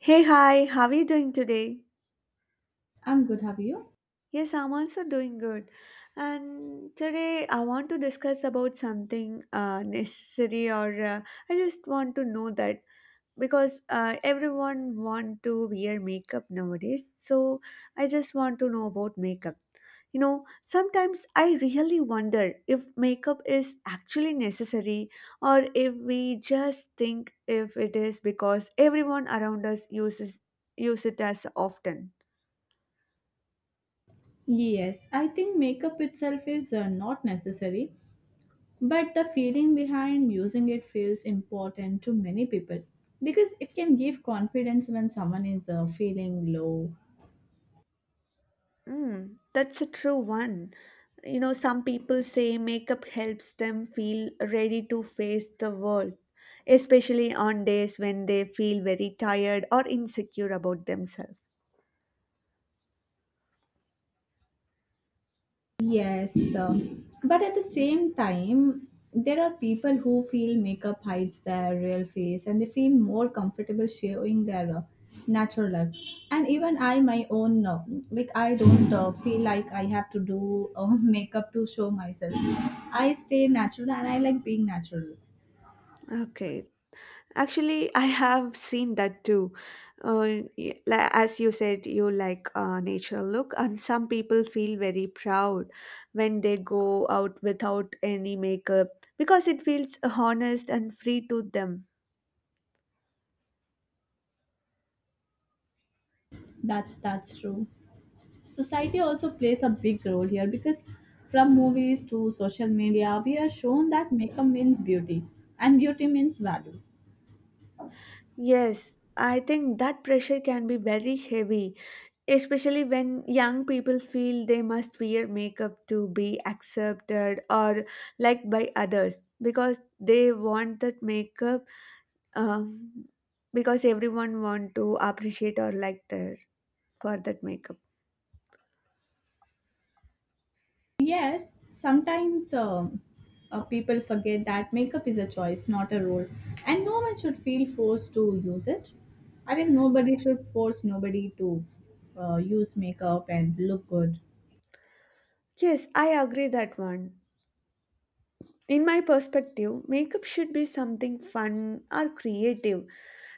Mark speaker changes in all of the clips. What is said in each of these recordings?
Speaker 1: Hey, hi, how are you doing today?
Speaker 2: I'm good, have you?
Speaker 1: Yes, I'm also doing good. And today I want to discuss about something necessary or I just want to know that because everyone want to wear makeup nowadays. So I just want to know about makeup. You know, sometimes I really wonder if makeup is actually necessary or if we just think if it is because everyone around us uses use it as often.
Speaker 2: Yes, I think makeup itself is not necessary, but the feeling behind using it feels important to many people because it can give confidence when someone is feeling low.
Speaker 1: Mm, that's a true one. You know, some people say makeup helps them feel ready to face the world, especially on days when they feel very tired or insecure about themselves.
Speaker 2: Yes, but at the same time, there are people who feel makeup hides their real face and they feel more comfortable showing their natural look. And even I, my own, like I don't feel like I have to do makeup to show myself. I stay natural and I like being natural.
Speaker 1: Okay. Actually, I have seen that too. As you said, you like natural look, and some people feel very proud when they go out without any makeup because it feels honest and free to them.
Speaker 2: That's true. Society also plays a big role here because from movies to social media, we are shown that makeup means beauty and beauty means value.
Speaker 1: Yes, I think that pressure can be very heavy, especially when young people feel they must wear makeup to be accepted or liked by others because they want that makeup, um, because everyone want to appreciate or like their for that makeup.
Speaker 2: Yes, sometimes people forget that makeup is a choice, not a role, and no one should feel forced to use it. I think nobody should force nobody to use makeup and look good.
Speaker 1: Yes, I agree that one. In my perspective, makeup should be something fun or creative,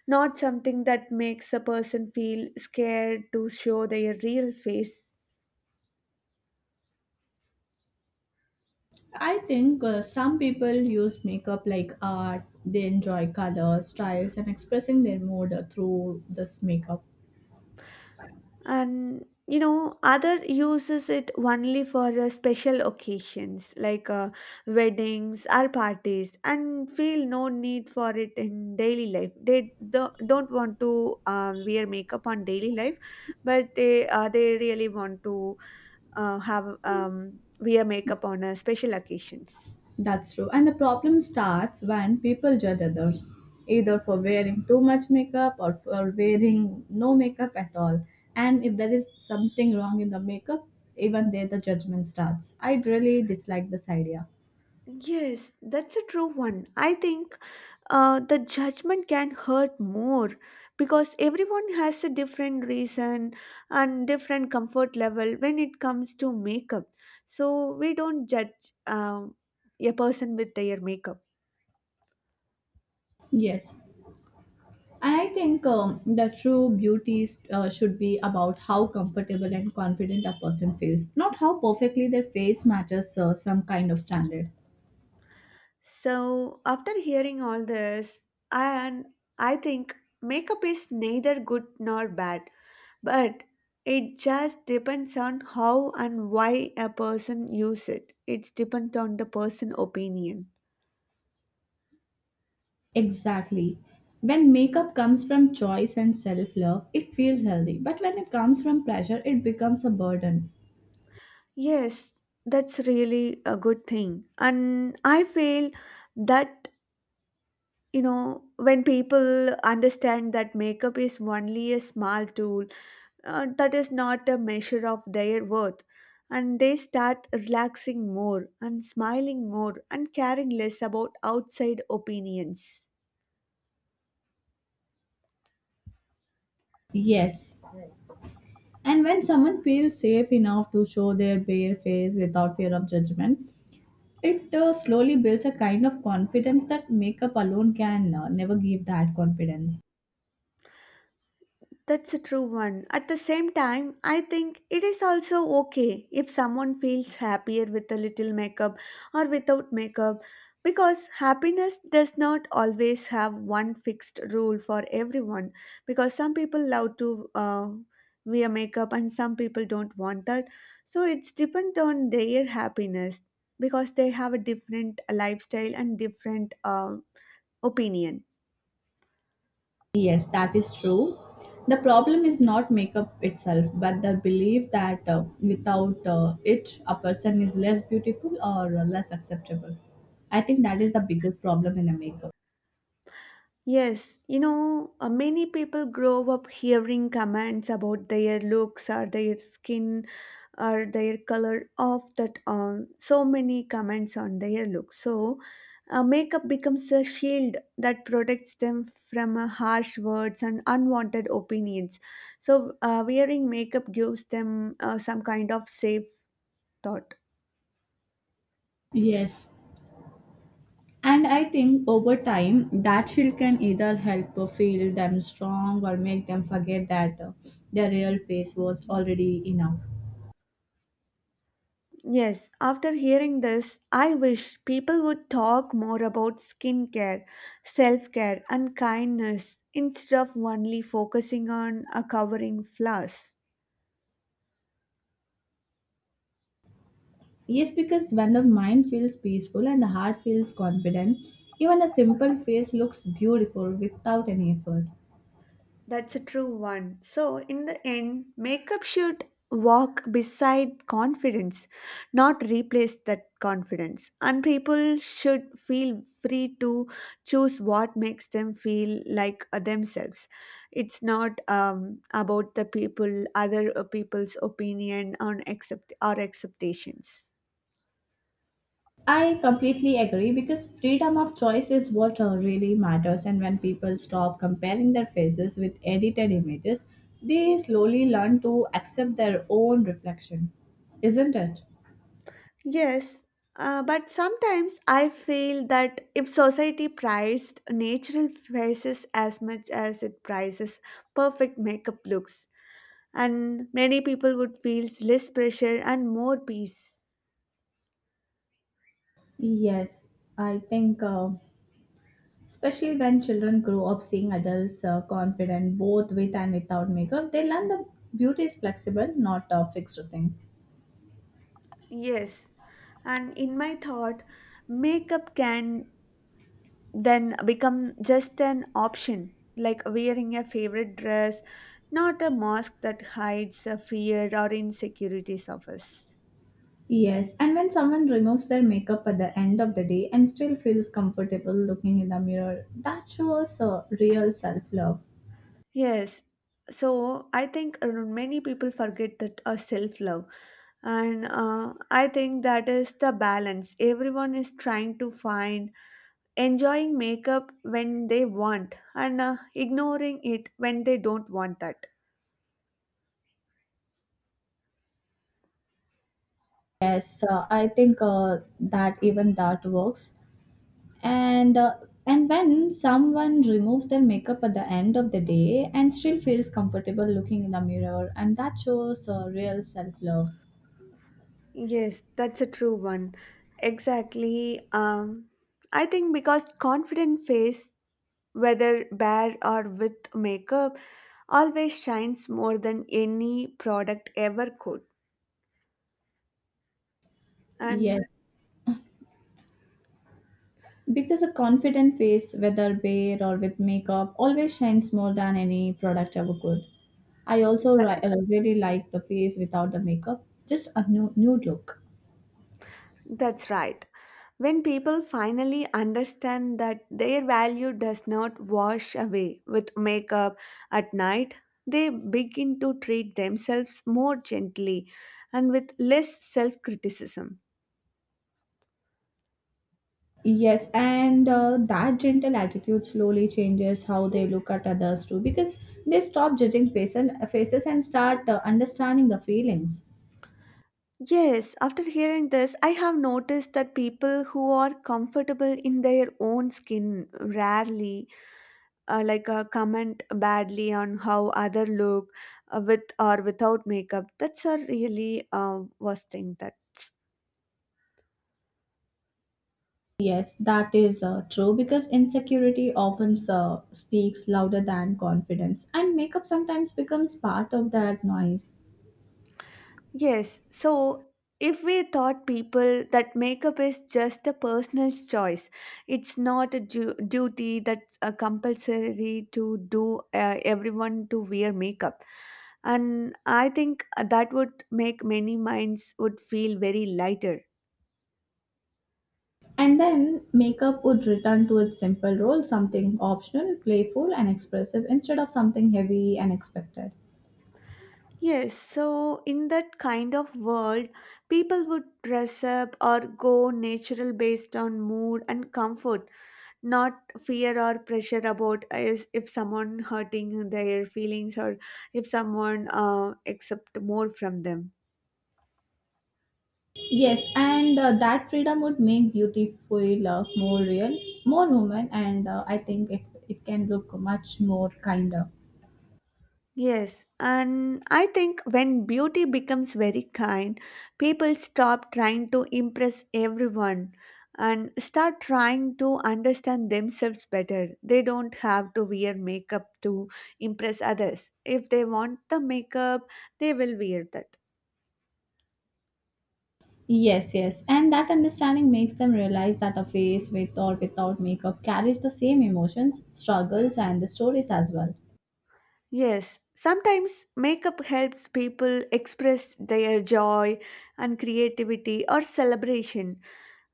Speaker 1: not something that makes a person feel scared to show their real face.
Speaker 2: I think some people use makeup like art, they enjoy colors, styles, and expressing their mood through this makeup.
Speaker 1: And you know, other uses it only for special occasions like weddings or parties, and feel no need for it in daily life. They don't want to wear makeup on daily life, but they really want to have wear makeup on special occasions.
Speaker 2: That's true. And the problem starts when people judge others, either for wearing too much makeup or for wearing no makeup at all. And if there is something wrong in the makeup, even there the judgment starts. I really dislike this idea.
Speaker 1: Yes, that's a true one. I think the judgment can hurt more because everyone has a different reason and different comfort level when it comes to makeup. So we don't judge a person with their makeup.
Speaker 2: Yes. I think the true beauty is, should be about how comfortable and confident a person feels, not how perfectly their face matches some kind of standard.
Speaker 1: So after hearing all this, and I think makeup is neither good nor bad, but it just depends on how and why a person use it. It's depends on the person opinion.
Speaker 2: Exactly. When makeup comes from choice and self love, it feels healthy. But when it comes from pressure, it becomes a burden.
Speaker 1: Yes, that's really a good thing, and I feel that you know when people understand that makeup is only a small tool, that is not a measure of their worth, and they start relaxing more and smiling more and caring less about outside opinions.
Speaker 2: Yes. And when someone feels safe enough to show their bare face without fear of judgment, it slowly builds a kind of confidence that makeup alone can never give that confidence.
Speaker 1: That's a true one. At the same time, I think it is also okay if someone feels happier with a little makeup or without makeup because happiness does not always have one fixed rule for everyone because some people love to wear makeup and some people don't want that. So it's depend on their happiness because they have a different lifestyle and different opinion.
Speaker 2: Yes, that is true. The problem is not makeup itself, but the belief that without it, a person is less beautiful or less acceptable. I think that is the biggest problem in the makeup.
Speaker 1: Yes, you know, many people grow up hearing comments about their looks or their skin or their color of that on so many comments on their looks. So, makeup becomes a shield that protects them from harsh words and unwanted opinions. So, wearing makeup gives them some kind of safe thought.
Speaker 2: Yes. And I think over time, that shield can either help feel them strong or make them forget that their real face was already enough.
Speaker 1: Yes, after hearing this, I wish people would talk more about skincare, self care, and kindness instead of only focusing on covering flaws.
Speaker 2: Yes, because when the mind feels peaceful and the heart feels confident, even a simple face looks beautiful without any effort.
Speaker 1: That's a true one. So, in the end, makeup should walk beside confidence, not replace that confidence. And people should feel free to choose what makes them feel like themselves. It's not about the people, other people's opinion on accept or acceptations.
Speaker 2: I completely agree because freedom of choice is what really matters, and when people stop comparing their faces with edited images, they slowly learn to accept their own reflection, isn't it?
Speaker 1: Yes, but sometimes I feel that if society prized natural faces as much as it prizes perfect makeup looks, and many people would feel less pressure and more peace.
Speaker 2: Yes, I think especially when children grow up seeing adults confident both with and without makeup, they learn that beauty is flexible, not a fixed thing.
Speaker 1: Yes, and in my thought, makeup can then become just an option, like wearing a favorite dress, not a mask that hides a fear or insecurities of us.
Speaker 2: Yes, and when someone removes their makeup at the end of the day and still feels comfortable looking in the mirror, that shows real self love.
Speaker 1: Yes. So I think many people forget that self love, and I think that is the balance everyone is trying to find, enjoying makeup when they want and ignoring it when they don't want that.
Speaker 2: Yes, I think that even that works. And uh, and when someone removes their makeup at the end of the day and still feels comfortable looking in the mirror, and that shows real self love.
Speaker 1: Yes, that's a true one. Exactly. I think because confident face, whether bare or with makeup, always shines more than any product ever could,
Speaker 2: Yes,
Speaker 1: and
Speaker 2: because a confident face, whether bare or with makeup, always shines more than any product ever could. I also
Speaker 1: that.
Speaker 2: really like the face without the makeup, just a new nude look.
Speaker 1: That's right. When people finally understand that their value does not wash away with makeup at night, they begin to treat themselves more gently and with less self criticism.
Speaker 2: Yes, and that gentle attitude slowly changes how they look at others too, because they stop faces and start understanding the feelings.
Speaker 1: Yes, after hearing this, I have noticed that people who are comfortable in their own skin rarely comment badly on how other look with or without makeup. That's a really worst thing that.
Speaker 2: Yes, that is true because insecurity often speaks louder than confidence, and makeup sometimes becomes part of that noise.
Speaker 1: Yes, so if we thought people that makeup is just a personal choice, it's not a duty that's a compulsory to do everyone to wear makeup. And I think that would make many minds would feel very lighter.
Speaker 2: And then makeup would return to its simple role, something optional, playful, and expressive instead of something heavy and expected.
Speaker 1: Yes, so in that kind of world, people would dress up or go natural based on mood and comfort, not fear or pressure about is if someone hurting their feelings or if someone accept more from them.
Speaker 2: Yes, and that freedom would make beauty feel more real, more human, and I think it can look much more kinder.
Speaker 1: Yes, and I think when beauty becomes very kind, people stop trying to impress everyone and start trying to understand themselves better. They don't have to wear makeup to impress others. If they want the makeup, they will wear that.
Speaker 2: Yes, yes. And that understanding makes them realize that a face with or without makeup carries the same emotions, struggles, and the stories as well.
Speaker 1: Yes, sometimes makeup helps people express their joy and creativity or celebration,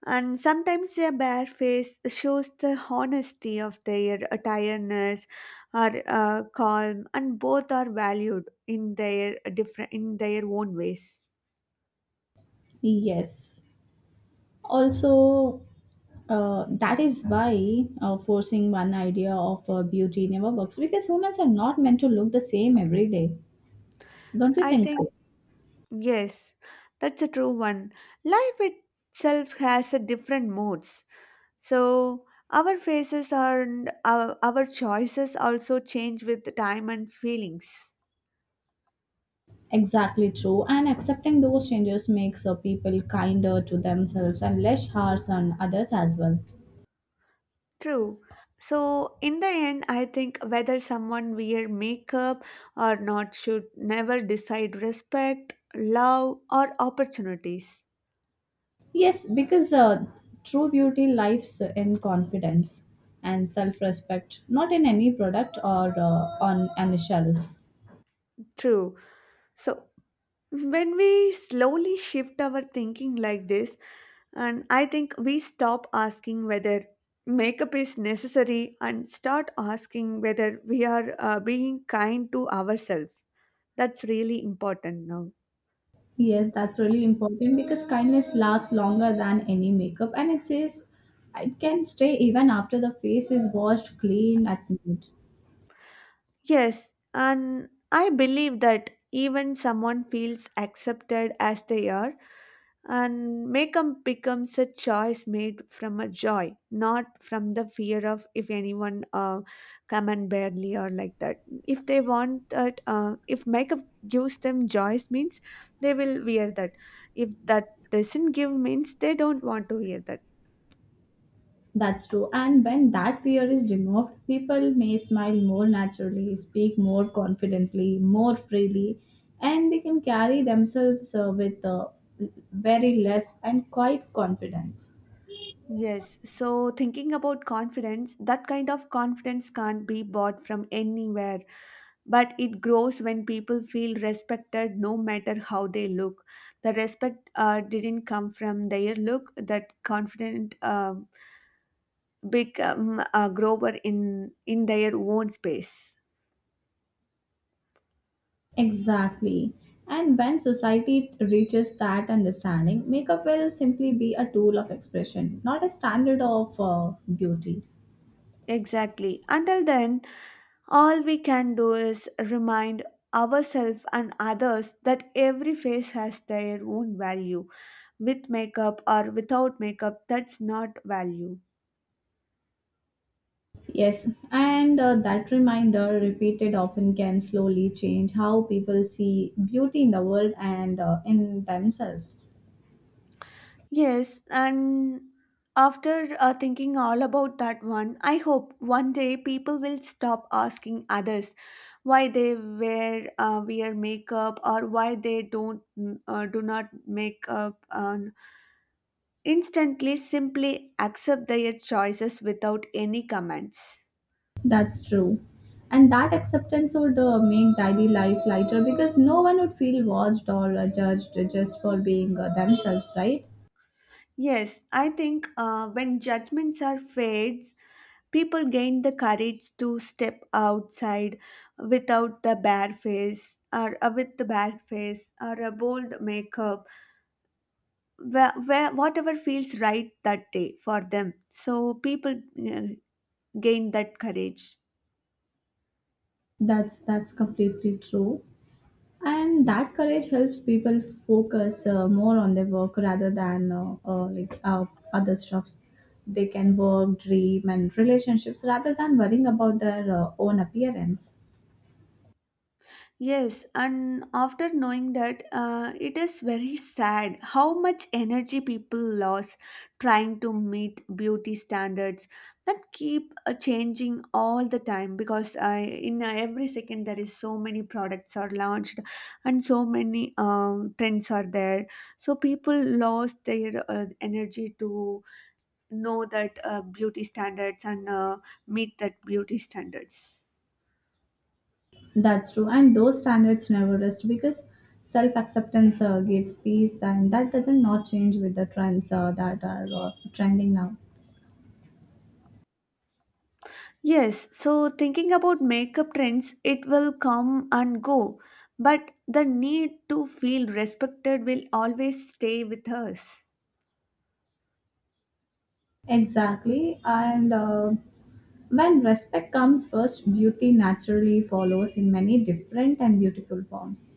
Speaker 1: and sometimes their bare face shows the honesty of their tiredness or calm, and both are valued in their different in their own ways.
Speaker 2: Yes. Also, that is why forcing one idea of beauty never works because humans are not meant to look the same every day. Don't you
Speaker 1: I
Speaker 2: think so?
Speaker 1: think yes, that's a true one. Life itself has a different moods. So our faces are, and our choices also change with time and feelings.
Speaker 2: Exactly true. And accepting those changes makes people kinder to themselves and less harsh on others as well.
Speaker 1: True. So in the end, I think whether someone wear makeup or not should never decide respect, love, or opportunities.
Speaker 2: Yes, because true beauty lives in confidence and self respect, not in any product or on any shelf.
Speaker 1: True. So when we slowly shift our thinking like this, and I think we stop asking whether makeup is necessary and start asking whether we are being kind to ourselves. That's really important now.
Speaker 2: Yes, that's really important because kindness lasts longer than any makeup and it says it can stay even after the face is washed clean at night.
Speaker 1: Yes, and I believe that even someone feels accepted as they are and makeup becomes a choice made from a joy, not from the fear of if anyone come and barely or like that. If they want that, if makeup gives them joys means they will wear that. If that doesn't give means they don't want to wear that.
Speaker 2: That's true. And when that fear is removed, people may smile more naturally, speak more confidently, more freely, and they can carry themselves with very less and quite confidence.
Speaker 1: Yes, so thinking about confidence, that kind of confidence can't be bought from anywhere, but it grows when people feel respected no matter how they look. The respect didn't come from their look. That confident, become a grower in their own space.
Speaker 2: Exactly. And when society reaches that understanding, makeup will simply be a tool of expression, not a standard of beauty.
Speaker 1: Exactly. Until then, all we can do is remind ourselves and others that every face has their own value, with makeup or without makeup. That's not value.
Speaker 2: Yes, and that reminder, repeated often, can slowly change how people see beauty in the world and in themselves.
Speaker 1: Yes, and after thinking all about that one, I hope one day people will stop asking others why they wear makeup or why they don't mm, do not make up. And instantly, simply accept their choices without any comments.
Speaker 2: That's true. And that acceptance would make daily life lighter because no one would feel watched or judged just for being themselves, right?
Speaker 1: Yes, I think when judgments are fair, people gain the courage to step outside without the bare face or with the bare face or a bold makeup, whatever feels right that day for them. So people uh, gained that courage.
Speaker 2: That's completely true. And that courage helps people focus more on their work rather than like other stuffs. They can work, dream and relationships rather than worrying about their own appearance.
Speaker 1: Yes, and after knowing that, it is very sad how much energy people lose trying to meet beauty standards that keep changing all the time because in every second there is so many products are launched and so many trends are there. So people lost their energy to know that beauty standards and meet that beauty standards.
Speaker 2: That's true, and those standards never rest because self-acceptance gives peace and that doesn't not change with the trends that are trending now.
Speaker 1: Yes, so thinking about makeup trends, it will come and go, but the need to feel respected will always stay with us.
Speaker 2: Exactly, and when respect comes first, beauty naturally follows in many different and beautiful forms.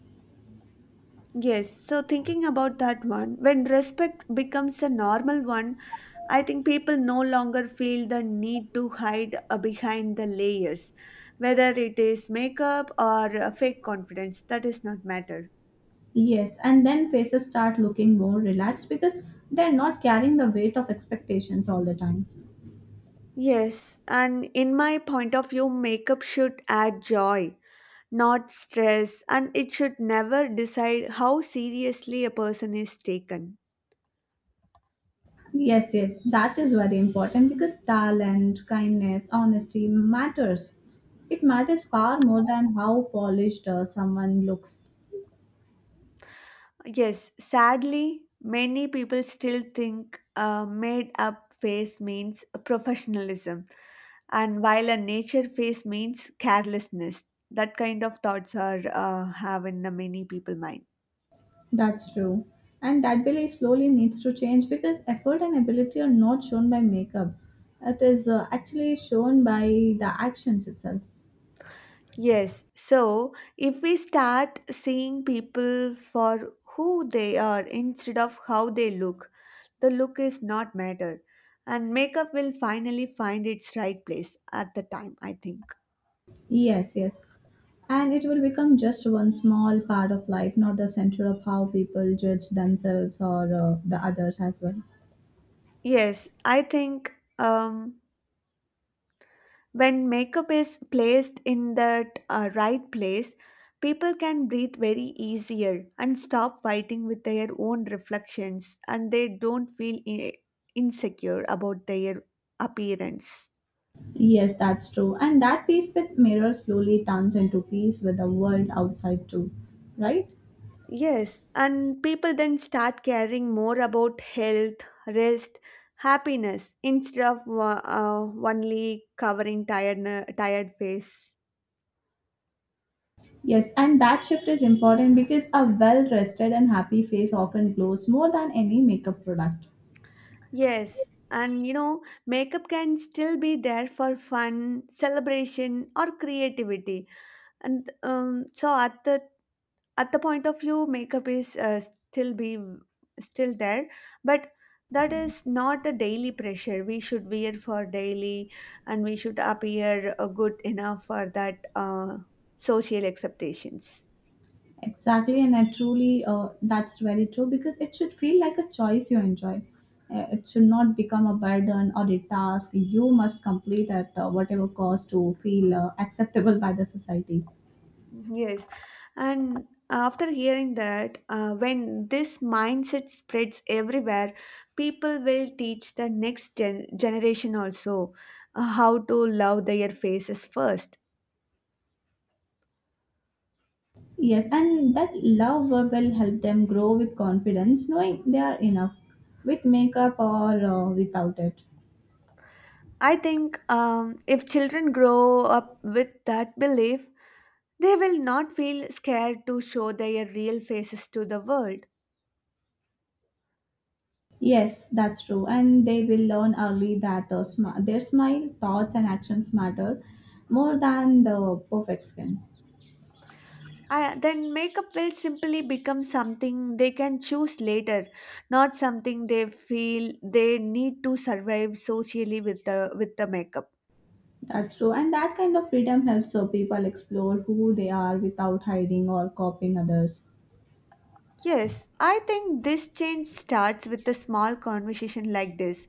Speaker 1: Yes, so thinking about that one, when respect becomes a normal one, I think people no longer feel the need to hide behind the layers, whether it is makeup or fake confidence. That is not matter.
Speaker 2: Yes, and then faces start looking more relaxed because they're not carrying the weight of expectations all the time.
Speaker 1: Yes, and in my point of view, makeup should add joy, not stress, and it should never decide how seriously a person is taken.
Speaker 2: Yes, yes, that is very important because talent, kindness, honesty matters. It matters far more than how polished someone looks.
Speaker 1: Yes, sadly, many people still think a made up face means professionalism, and while a nature face means carelessness. That kind of thoughts are have in many people mind.
Speaker 2: That's true. And that belief slowly needs to change because effort and ability are not shown by makeup. It is actually shown by the actions itself.
Speaker 1: Yes, so if we start seeing people for who they are instead of how they look, the look is not matter, and makeup will finally find its right place at the time, I think.
Speaker 2: Yes, yes. And it will become just one small part of life, not the center of how people judge themselves or the others as well.
Speaker 1: Yes, I think um, when makeup is placed in that right place, people can breathe very easier and stop fighting with their own reflections, and they don't feel insecure about their appearance.
Speaker 2: Yes, that's true. And that peace with mirror slowly turns into peace with the world outside too, right?
Speaker 1: Yes, and people then start caring more about health, rest, happiness instead of only covering tired face.
Speaker 2: Yes, and that shift is important because a well rested and happy face often glows more than any makeup product.
Speaker 1: Yes, and you know, makeup can still be there for fun, celebration, or creativity. And so at the point of view, makeup is still be still there, but that is not a daily pressure. We should wear for daily, and we should appear good enough for that social acceptations.
Speaker 2: Exactly, and I truly that's very true because it should feel like a choice you enjoy. It should not become a burden or a task you must complete at whatever cost to feel acceptable by the society.
Speaker 1: Yes, and after hearing that, when this mindset spreads everywhere, people will teach the next generation also how to love their faces first.
Speaker 2: Yes, and that love will help them grow with confidence, knowing they are enough, with makeup or without it.
Speaker 1: I think if children grow up with that belief, they will not feel scared to show their real faces to the world.
Speaker 2: Yes, that's true, and they will learn early that their smile, thoughts, and actions matter more than the perfect skin.
Speaker 1: I, then makeup will simply become something they can choose later, not something they feel they need to survive socially with the makeup.
Speaker 2: That's true. And that kind of freedom helps so people explore who they are without hiding or copying others.
Speaker 1: Yes, I think this change starts with a small conversation like this,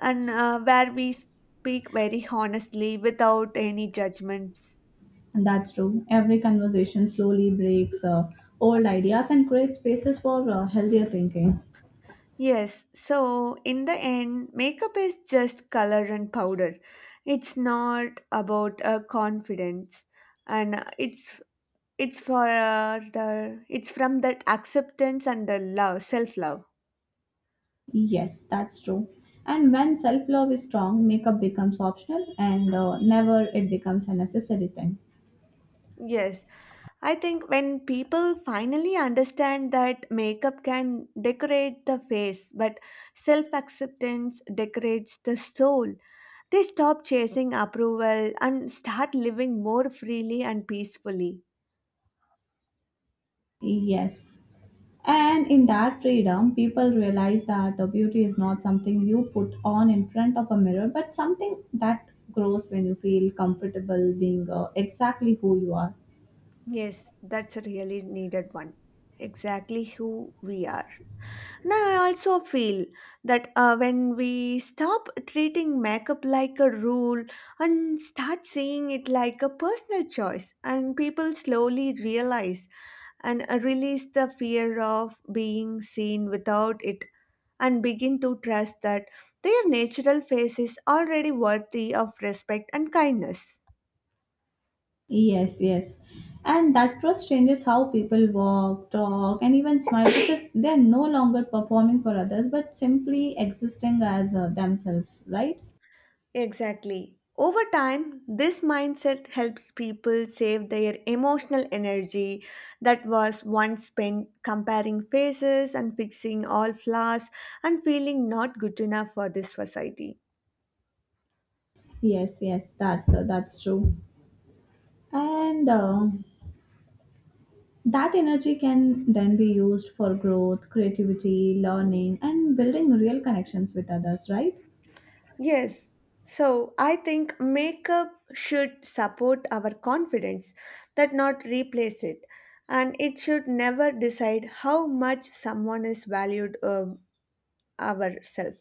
Speaker 1: and where we speak very honestly without any judgments.
Speaker 2: And that's true. Every conversation slowly breaks old ideas and creates spaces for healthier thinking.
Speaker 1: Yes, so in the end, makeup is just color and powder. It's not about confidence and it's for the it's from that acceptance and the love, self-love.
Speaker 2: Yes, that's true. And when self love is strong, makeup becomes optional and never it becomes a necessary thing.
Speaker 1: Yes, I think when people finally understand that makeup can decorate the face, but self acceptance decorates the soul, they stop chasing approval and start living more freely and peacefully.
Speaker 2: Yes. And in that freedom, people realize that the beauty is not something you put on in front of a mirror, but something that grows when you feel comfortable being exactly who you are.
Speaker 1: Yes, that's a really needed one. Exactly who we are. Now, I also feel that when we stop treating makeup like a rule and start seeing it like a personal choice, and people slowly realize and release the fear of being seen without it and begin to trust that their natural face is already worthy of respect and kindness.
Speaker 2: Yes, yes. And that trust changes how people walk, talk, and even smile because they're no longer performing for others but simply existing as themselves, right?
Speaker 1: Exactly. Over time, this mindset helps people save their emotional energy that was once spent comparing faces and fixing all flaws and feeling not good enough for this society.
Speaker 2: Yes, yes, that's true. And That energy can then be used for growth, creativity, learning, and building real connections with others, right?
Speaker 1: Yes. So, I think makeup should support our confidence, that not replace it. And it should never decide how much someone is valued ourself.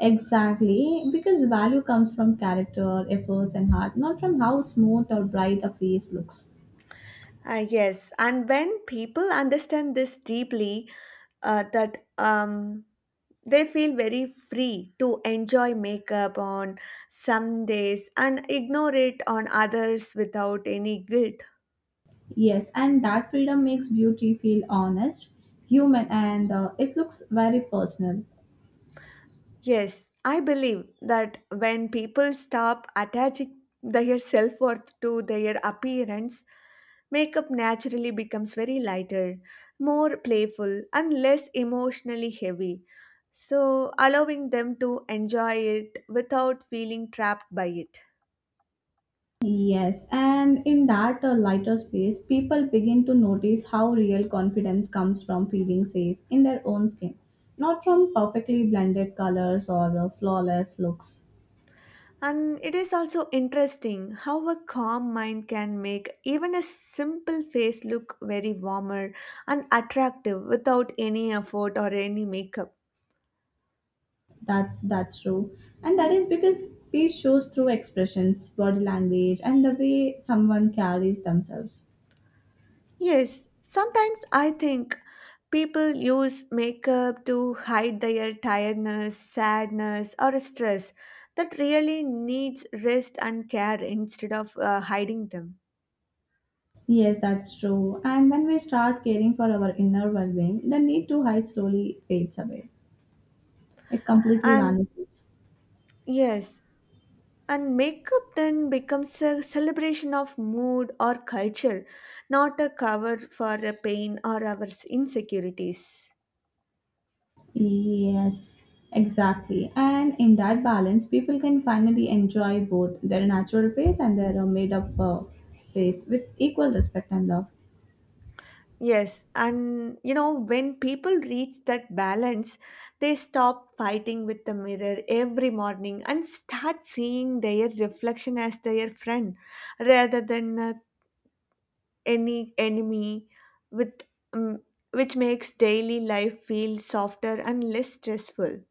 Speaker 2: Exactly, because value comes from character, efforts, and heart, not from how smooth or bright a face looks.
Speaker 1: Yes, and when people understand this deeply, that they feel very free to enjoy makeup on some days and ignore it on others without any guilt.
Speaker 2: Yes, and that freedom makes beauty feel honest, human, and it looks very personal.
Speaker 1: Yes, I believe that when people stop attaching their self worth to their appearance, makeup naturally becomes very lighter, more playful, and less emotionally heavy, so allowing them to enjoy it without feeling trapped by it.
Speaker 2: Yes, and in that lighter space, people begin to notice how real confidence comes from feeling safe in their own skin, not from perfectly blended colors or flawless looks.
Speaker 1: And it is also interesting how a calm mind can make even a simple face look very warmer and attractive without any effort or any makeup.
Speaker 2: That's true, and that is because peace shows through expressions, body language, and the way someone carries themselves.
Speaker 1: Yes, sometimes I think people use makeup to hide their tiredness, sadness, or stress that really needs rest and care instead of hiding them.
Speaker 2: Yes, that's true. And when we start caring for our inner well-being, the need to hide slowly fades away. It completely
Speaker 1: And
Speaker 2: vanishes.
Speaker 1: yes, and makeup then becomes a celebration of mood or culture, not a cover for a pain or our insecurities.
Speaker 2: Yes, exactly. And in that balance, people can finally enjoy both their natural face and their made up face with equal respect and love.
Speaker 1: Yes, and you know, when people reach that balance, they stop fighting with the mirror every morning and start seeing their reflection as their friend rather than any enemy with um, which makes daily life feel softer and less stressful.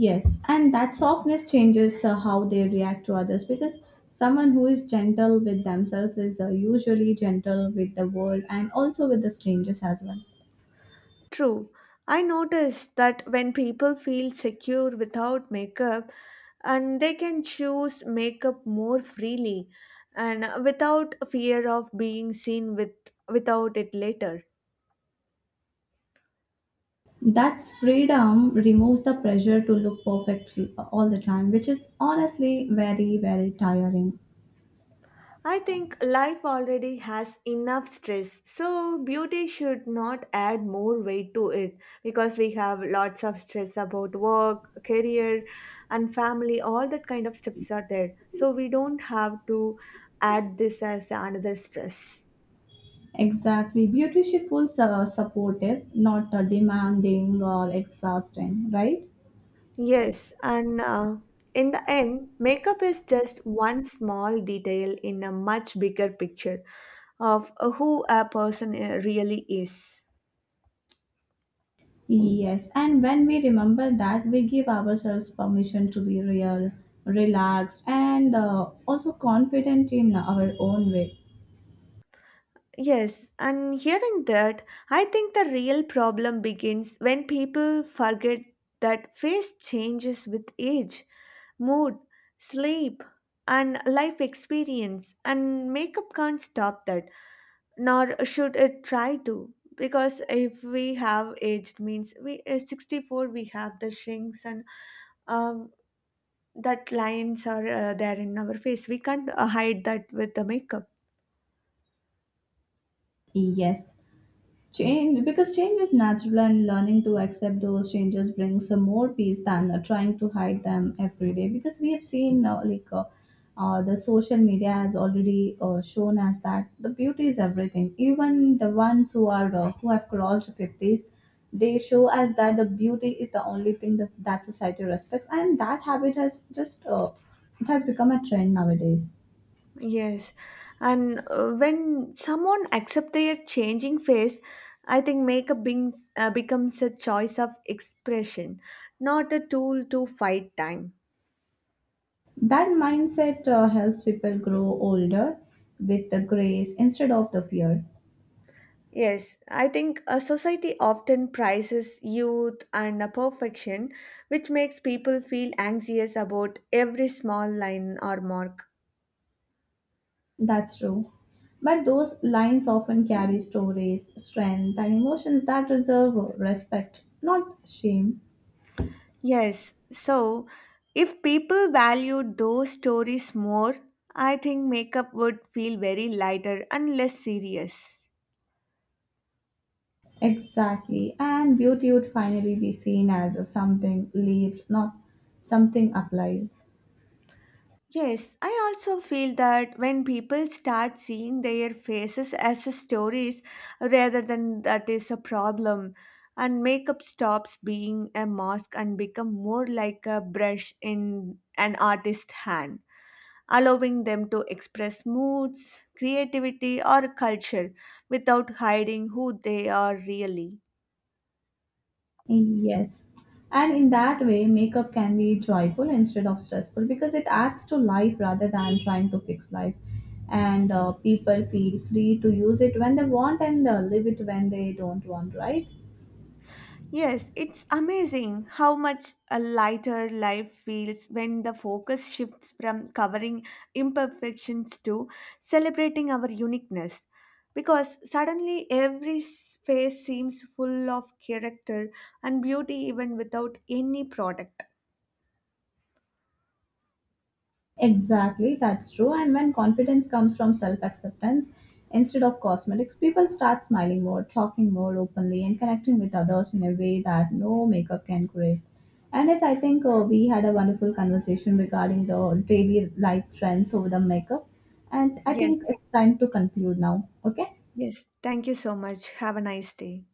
Speaker 2: Yes, and that softness changes how they react to others because someone who is gentle with themselves is usually gentle with the world and also with the strangers as well.
Speaker 1: True. I noticed that when people feel secure without makeup and they can choose makeup more freely and without fear of being seen with without it later.
Speaker 2: That freedom removes the pressure to look perfect all the time, which is honestly very, very tiring.
Speaker 1: I think life already has enough stress, so beauty should not add more weight to it because we have lots of stress about work, career, and family, all that kind of stuffs are there. So we don't have to add this as another stress.
Speaker 2: Exactly. Beauty should feel supportive, not demanding or exhausting, right?
Speaker 1: Yes, and in the end, makeup is just one small detail in a much bigger picture of who a person really is.
Speaker 2: Yes. And when we remember that, we give ourselves permission to be real, relaxed, and also confident in our own way.
Speaker 1: Yes, and hearing that, I think the real problem begins when people forget that face changes with age, mood, sleep, and life experience, and makeup can't stop that, nor should it try to. Because if we have aged means we 64 we have the shrinks and um, that lines are there in our face. We can't hide that with the makeup.
Speaker 2: Yes. Change, because change is natural and learning to accept those changes brings more peace than trying to hide them every day. Because we have seen the social media has already shown us that the beauty is everything. Even the ones who are who have crossed fifties, they show us that the beauty is the only thing that society respects, and that habit has just it has become a trend nowadays.
Speaker 1: Yes, and when someone accept their changing face, I think makeup becomes a choice of expression, not a tool to fight time.
Speaker 2: That mindset helps people grow older with the grace instead of the fear.
Speaker 1: Yes, I think a society often prizes youth and a perfection, which makes people feel anxious about every small line or mark.
Speaker 2: That's true. But those lines often carry stories, strength, and emotions that deserve respect, not shame.
Speaker 1: Yes, so if people valued those stories more, I think makeup would feel very lighter and less serious.
Speaker 2: Exactly. And beauty would finally be seen as something lived, not something applied.
Speaker 1: Yes, I also feel that when people start seeing their faces as a stories rather than that is a problem, and makeup stops being a mask and become more like a brush in an artist's hand, allowing them to express moods, creativity, or culture without hiding who they are really.
Speaker 2: Yes. And in that way, makeup can be joyful instead of stressful because it adds to life rather than trying to fix life. And people feel free to use it when they want and leave it when they don't want, right?
Speaker 1: Yes, it's amazing how much a lighter life feels when the focus shifts from covering imperfections to celebrating our uniqueness. Because suddenly every space seems full of character and beauty, even without any product.
Speaker 2: Exactly, that's true. And when confidence comes from self acceptance instead of cosmetics, people start smiling more, talking more openly, and connecting with others in a way that no makeup can create. And as I think we had a wonderful conversation regarding the daily life trends over the makeup, and I
Speaker 1: Yes,
Speaker 2: think it's time to conclude now. Okay.
Speaker 1: yes. Thank you so much. Have a nice day.